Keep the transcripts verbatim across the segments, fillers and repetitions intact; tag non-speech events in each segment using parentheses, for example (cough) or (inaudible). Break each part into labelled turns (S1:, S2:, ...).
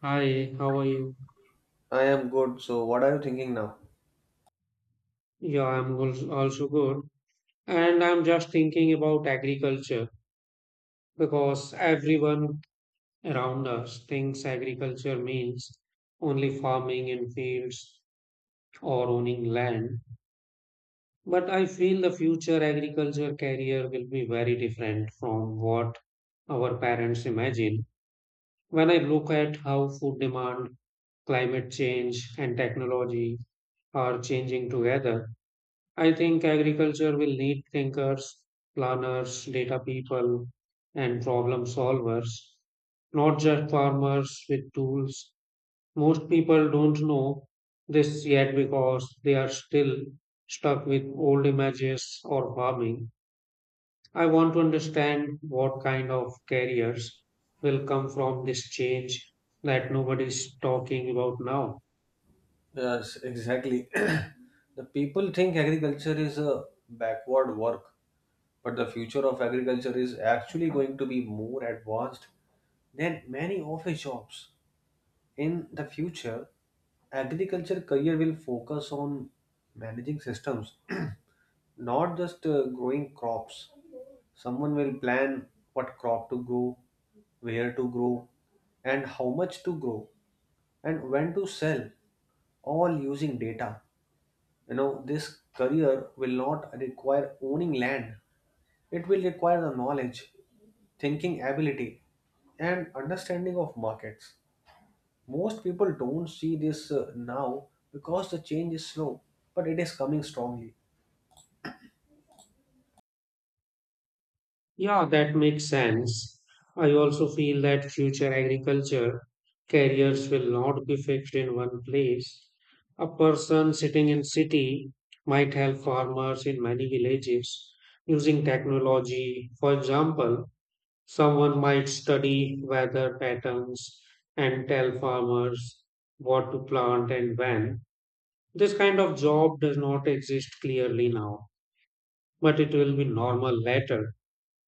S1: Hi, how are you?
S2: I am good. So, what are you thinking now?
S1: Yeah, I'm als- also good. And I'm just thinking about agriculture because everyone around us thinks agriculture means only farming in fields or owning land. But I feel the future agriculture career will be very different from what our parents imagine. When I look at how food demand, climate change, and technology are changing together, I think agriculture will need thinkers, planners, data people, and problem solvers, not just farmers with tools. Most people don't know this yet because they are still stuck with old images or farming. I want to understand what kind of careers will come from this change that nobody's talking about now.
S2: Yes, exactly. (clears throat) The people think agriculture is a backward work, but the future of agriculture is actually going to be more advanced than many office jobs. In the future, agriculture career will focus on managing systems, (clears throat) not just uh, growing crops. Someone will plan what crop to grow, where to grow, and how much to grow, and when to sell, all using data. You know, this career will not require owning land. It will require the knowledge, thinking ability, and understanding of markets. Most people don't see this uh, now because the change is slow, but it is coming strongly.
S1: Yeah, that makes sense. I also feel that future agriculture careers will not be fixed in one place. A person sitting in city might help farmers in many villages using technology. For example, someone might study weather patterns and tell farmers what to plant and when. This kind of job does not exist clearly now, but it will be normal later.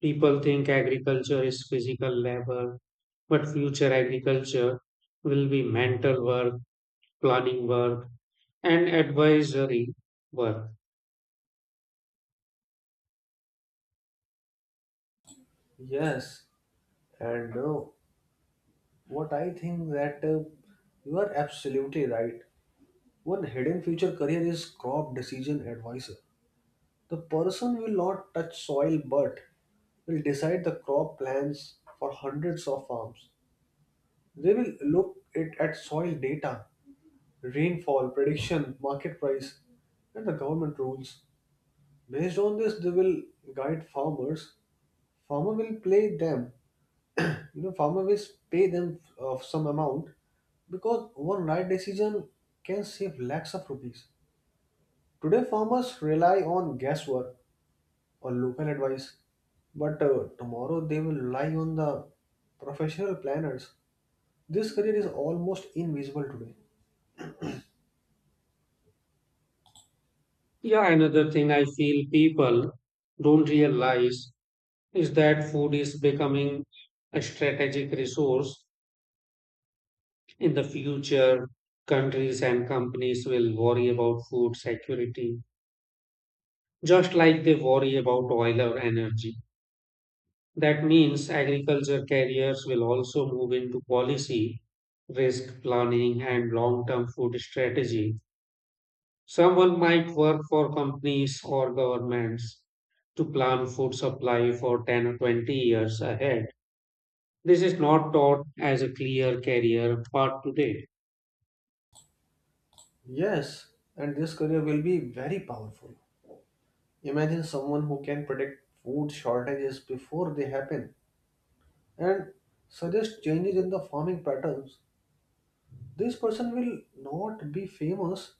S1: People think agriculture is physical labor, but future agriculture will be mental work, planning work, and advisory work.
S2: Yes, and uh, what I think that uh, you are absolutely right. One hidden future career is crop decision advisor. The person will not touch soil, but will decide the crop plans for hundreds of farms. They will look it at soil data, rainfall prediction, market price, and the government rules. Based on this, they will guide farmers. Farmer will pay them. You know, farmer will pay them of some amount because one right decision can save lakhs of rupees. Today, farmers rely on guesswork or local advice, but uh, tomorrow they will rely on the professional planners. This career is almost invisible today.
S1: Yeah, another thing I feel people don't realize is that food is becoming a strategic resource. In the future, countries and companies will worry about food security, just like they worry about oil or energy. That means agriculture carriers will also move into policy, risk planning, and long term food strategy. Someone might work for companies or governments to plan food supply for ten or twenty years ahead. This is not taught as a clear career path today.
S2: Yes, and this career will be very powerful. Imagine someone who can predict food shortages before they happen and suggest changes in the farming patterns. This person will not be famous,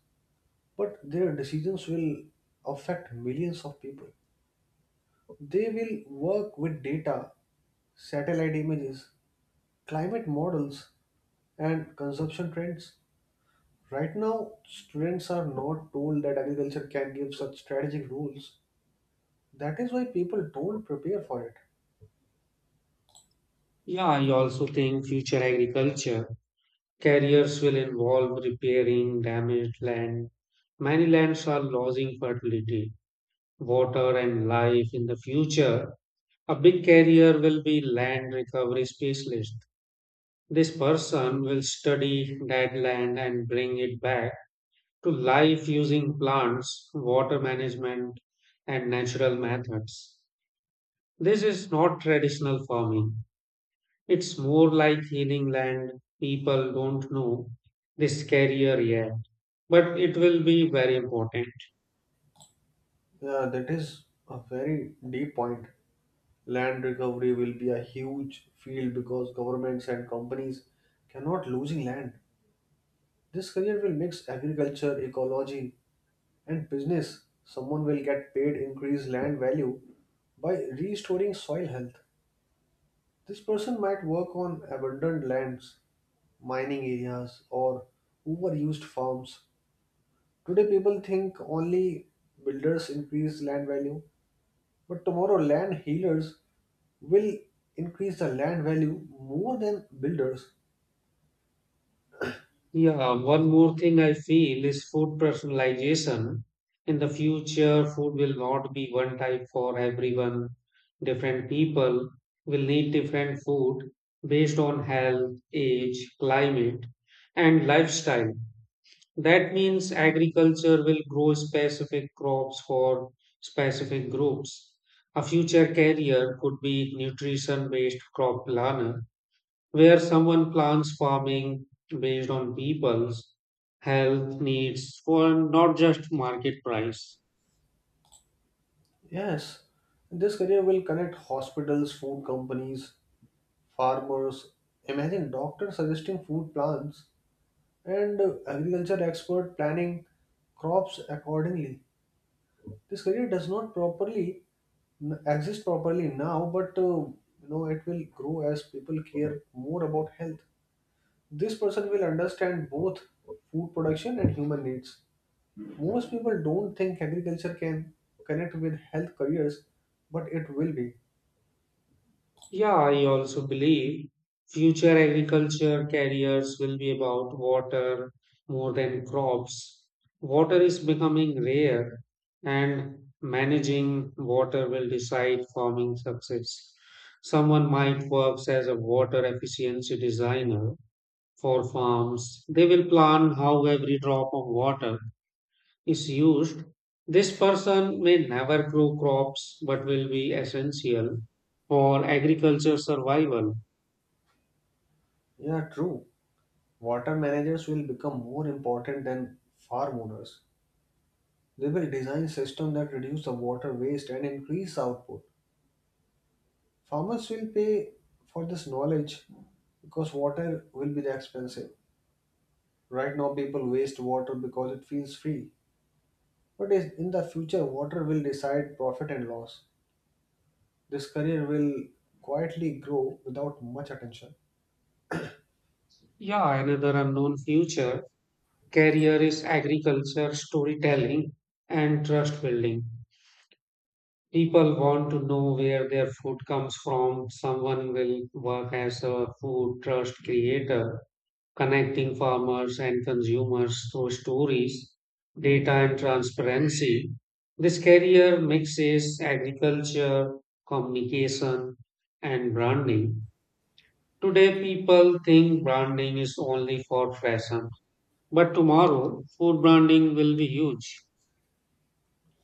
S2: but their decisions will affect millions of people. They will work with data, satellite images, climate models, and consumption trends. Right now, students are not told that agriculture can give such strategic rules. That is why people don't prepare for it.
S1: Yeah, I also think future agriculture careers will involve repairing damaged land. Many lands are losing fertility water and life in the future. A big carrier will be land recovery specialist. This person will study dead land and bring it back to life using plants, water management, and natural methods. This is not traditional farming. It's more like healing land. People don't know this carrier yet, but it will be very important.
S2: Yeah, that is a very deep point. Land recovery will be a huge field because governments and companies cannot losing land. This career will mix agriculture, ecology, and business. Someone will get paid increased land value by restoring soil health. This person might work on abandoned lands, mining areas, or overused farms. Today, people think only builders increase land value, but tomorrow, land healers will increase the land value more than builders.
S1: Yeah, one more thing I feel is food personalization. In the future, food will not be one type for everyone. Different people will need different food based on health, age, climate, and lifestyle. That means agriculture will grow specific crops for specific groups. A future career could be nutrition based crop planner where someone plans farming based on people's health needs for not just market price.
S2: Yes, this career will connect hospitals, food companies, farmers. Imagine doctors suggesting food plans and agriculture expert planning crops accordingly. This career does not properly n- exist properly now but uh, you know it will grow as people care more about health. This person will understand both food production and human needs. Most people don't think agriculture can connect with health careers, but it will be.
S1: Yeah, I also believe future agriculture careers will be about water more than crops. Water is becoming rare, and managing water will decide farming success. Someone might work as a water efficiency designer for farms. They will plan how every drop of water is used, this person may never grow crops but will be essential for agriculture survival.
S2: Yeah, true. Water managers will become more important than farm owners. They will design systems that reduce the water waste and increase output. Farmers will pay for this knowledge because water will be the expensive. Right now, people waste water because it feels free. But is- in the future, water will decide profit and loss. This career will quietly grow without much attention.
S1: Yeah, another unknown future career is agriculture, storytelling, and trust building. People want to know where their food comes from. Someone will work as a food trust creator connecting farmers and consumers through stories, data, and transparency. This career mixes agriculture, communication, and branding. Today, people think branding is only for fashion, but tomorrow, food branding will be huge.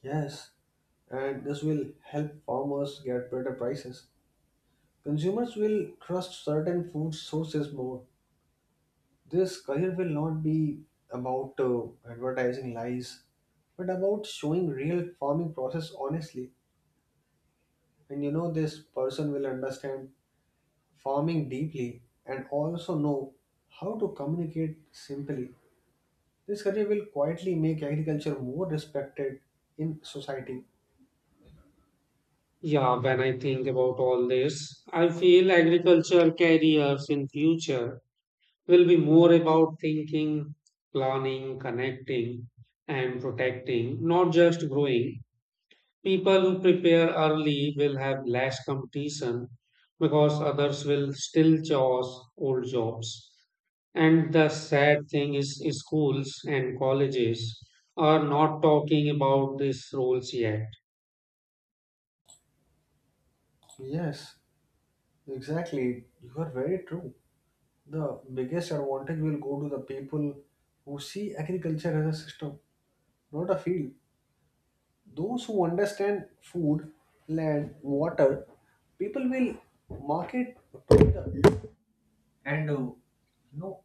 S2: Yes, and this will help farmers get better prices. Consumers will trust certain food sources more. This career will not be about uh, advertising lies, but about showing real farming process honestly. And you know, this person will understand farming deeply, and also know how to communicate simply. This career will quietly make agriculture more respected in society.
S1: Yeah, when I think about all this, I feel agriculture careers in future will be more about thinking, planning, connecting, and protecting, not just growing. People who prepare early will have less competition because others will still choose old jobs. And the sad thing is, schools and colleges are not talking about these roles yet.
S2: Yes, exactly. You are very true. The biggest advantage will go to the people who see agriculture as a system, not a field. Those who understand food, land, water, people will market together. And uh, you know,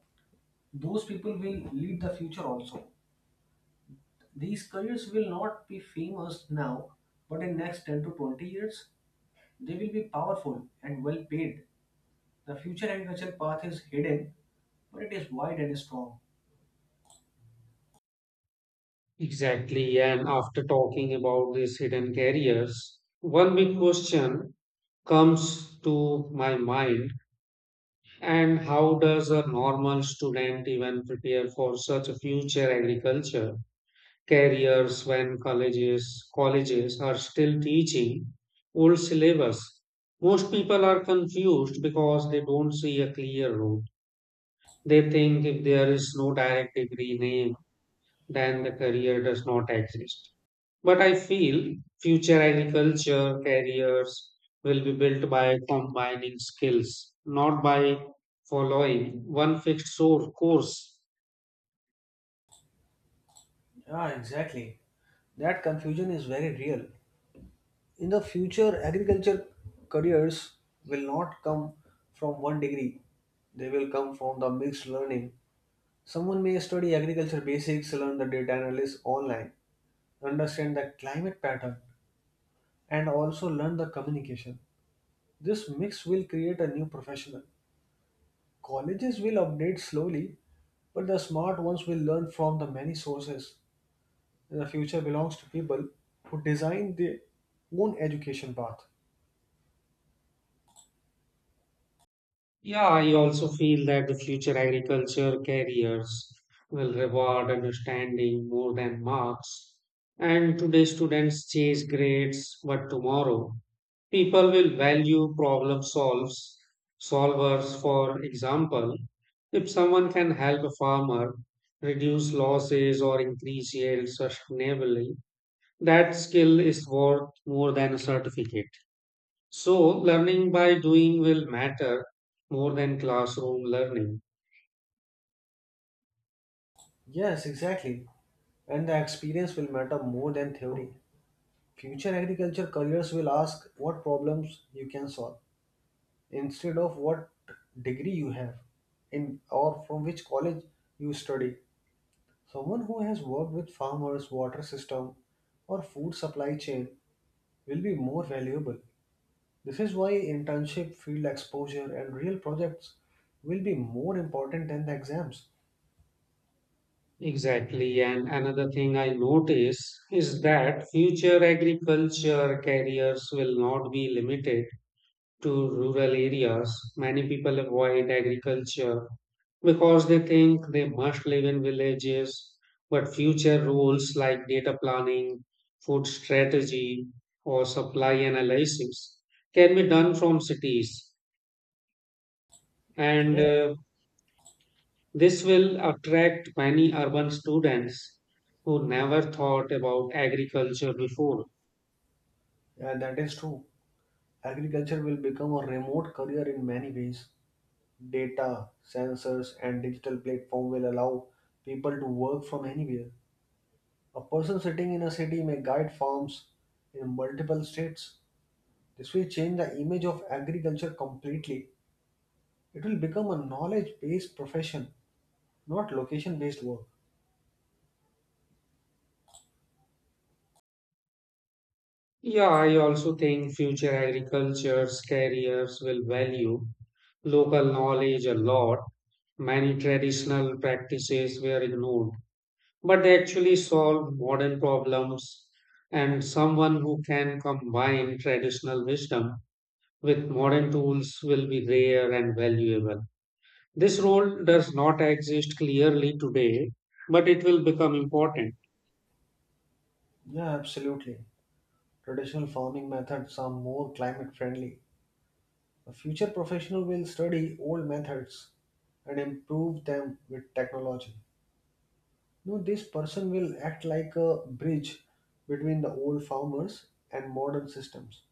S2: those people will lead the future also. These careers will not be famous now, but in next ten to twenty years, they will be powerful and well paid. The future agriculture path is hidden, but it is wide and strong.
S1: Exactly. And after talking about these hidden careers, one big question comes to my mind. And how does a normal student even prepare for such a future agriculture careers when colleges colleges are still teaching old syllabus? Most people are confused because they don't see a clear route. They think if there is no direct degree name, then the career does not exist. But I feel future agriculture careers will be built by combining skills, not by following one fixed sor- course.
S2: Yeah, exactly. That confusion is very real. In the future, agriculture careers will not come from one degree. They will come from the mixed learning. Someone may study agriculture basics, learn the data analysis online, understand the climate pattern, and also learn the communication. This mix will create a new professional. Colleges will update slowly, but the smart ones will learn from the many sources. And the future belongs to people who design their own education path.
S1: Yeah, I also feel that the future agriculture careers will reward understanding more than marks. And today students chase grades, but tomorrow people will value problem solves solvers, for example, if someone can help a farmer reduce losses or increase yield sustainably, that skill is worth more than a certificate. So learning by doing will matter more than classroom learning.
S2: Yes, exactly. And the experience will matter more than theory. Future agriculture careers will ask what problems you can solve instead of what degree you have in or from which college you study. Someone who has worked with farmers, water system, or food supply chain will be more valuable. This is why internship, field exposure, and real projects will be more important than the exams.
S1: Exactly, and another thing I notice is that future agriculture careers will not be limited to rural areas. Many people avoid agriculture because they think they must live in villages, but future roles like data planning, food strategy, or supply analysis can be done from cities. And
S2: Yeah,
S1: uh, this will attract many urban students who never thought about agriculture before.
S2: yeah, that is true. Agriculture will become a remote career in many ways. Data, sensors, and digital platform will allow people to work from anywhere. A person sitting in a city may guide farms in multiple states. This will change the image of agriculture completely. It will become a knowledge based profession, not location based work.
S1: Yeah, I also think future agriculture's careers will value local knowledge a lot. Many traditional practices were ignored, but they actually solve modern problems. And someone who can combine traditional wisdom with modern tools will be rare and valuable. This role does not exist clearly today, but it will become important.
S2: Yeah, absolutely. Traditional farming methods are more climate friendly. A future professional will study old methods and improve them with technology. No, this person will act like a bridge between the old farmers and modern systems.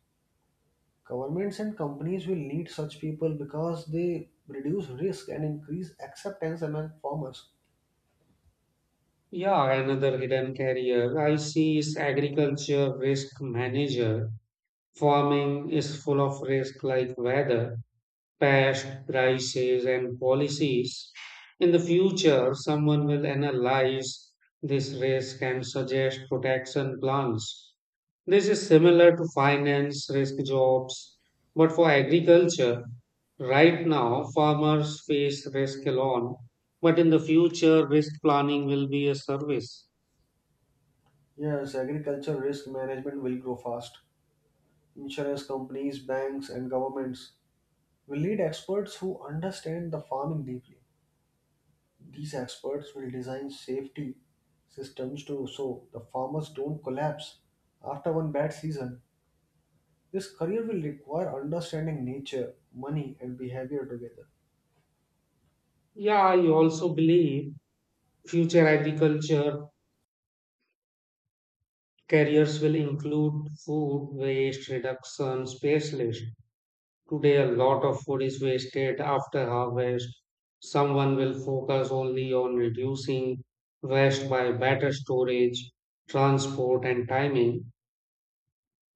S2: Governments and companies will need such people because they reduce risk and increase acceptance among farmers.
S1: Yeah, another hidden career I see is agriculture risk manager. Farming is full of risk like weather, pest, prices, and policies. In the future, someone will analyze this risk and suggest protection plans. This is similar to finance risk jobs, but for agriculture, right now farmers face risk alone, but in the future, risk planning will be a service.
S2: Yes, agriculture risk management will grow fast. Insurance companies, banks, and governments will need experts who understand the farming deeply. These experts will design safety systems to so the farmers don't collapse after one bad season. This career will require understanding nature, money, and behavior together.
S1: Yeah, I also believe future agriculture careers will include food waste reduction specialist. Today, a lot of food is wasted after harvest. Someone will focus only on reducing waste by better storage, transport, and timing.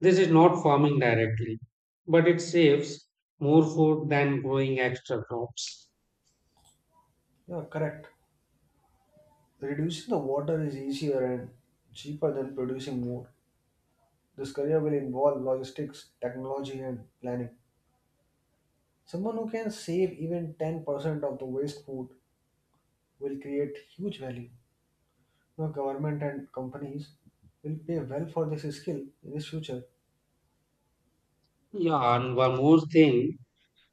S1: This is not farming directly, but it saves more food than growing extra crops.
S2: Yeah, correct. Reducing the water is easier and cheaper than producing more. This career will involve logistics, technology, and planning. Someone who can save even ten percent of the waste food will create huge value. You know, government and companies will pay well for this skill in this future.
S1: Yeah, and one more thing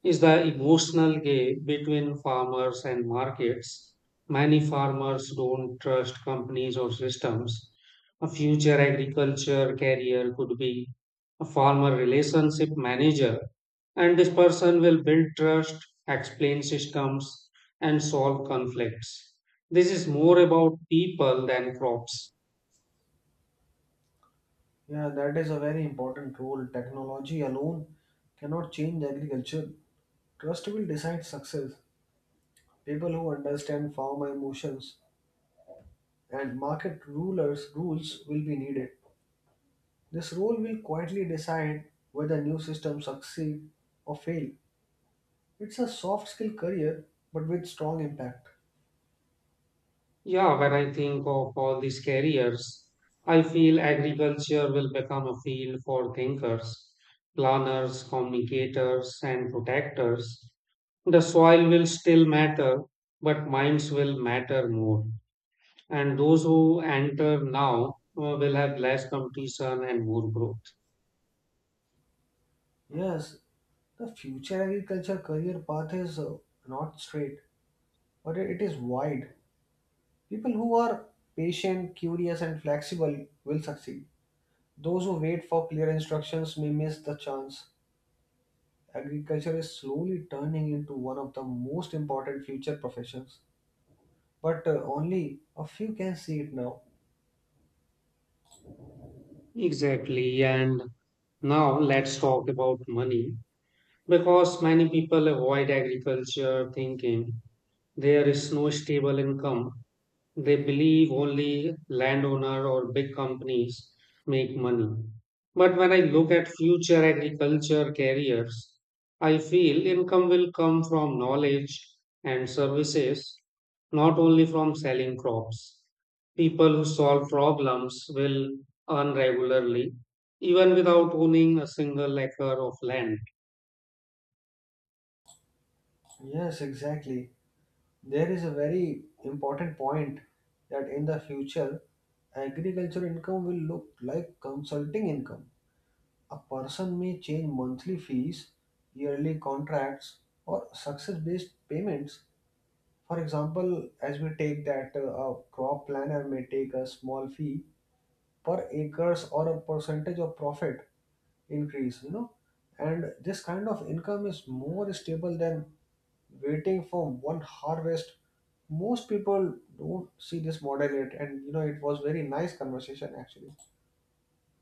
S1: is the emotional gap between farmers and markets. Many farmers don't trust companies or systems. A future agriculture career could be a farmer relationship manager, and this person will build trust, explain systems, and solve conflicts. This is more about people than crops.
S2: Yeah, that is a very important role. Technology alone cannot change agriculture. Trust will decide success. People who understand farmer emotions and market rulers rules will be needed. This role will quietly decide whether new systems succeed or fail. It's a soft skill career but with strong impact.
S1: Yeah, when I think of all these careers, I feel agriculture will become a field for thinkers, planners, communicators, and protectors. The soil will still matter, but minds will matter more. And those who enter now uh, will have less competition and more growth.
S2: Yes, the future agriculture career path is uh, not straight, but it it is wide. People who are patient, curious, and flexible will succeed. Those who wait for clear instructions may miss the chance. Agriculture is slowly turning into one of the most important future professions, but uh, only a few can see it now.
S1: Exactly. And now let's talk about money. Because many people avoid agriculture thinking there is no stable income. They believe only landowner or big companies make money. But when I look at future agriculture careers, I feel income will come from knowledge and services, not only from selling crops. People who solve problems will earn regularly, even without owning a single acre of land.
S2: Yes, exactly. There is a very important point that in the future, agriculture income will look like consulting income. A person may change monthly fees, yearly contracts, or success based payments. For example, as we take that uh, a crop planner may take a small fee per acres or a percentage of profit increase, you know, and this kind of income is more stable than waiting for one harvest. Most people don't see this model yet, and you know, it was very nice conversation actually.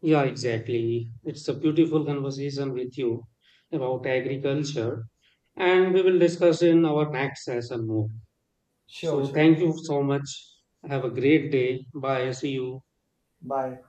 S1: Yeah, exactly. It's a beautiful conversation with you about agriculture, and we will discuss in our next session more.
S2: Sure,
S1: So,
S2: sure.
S1: thank you so much. Have a great day. Bye. See you.
S2: Bye.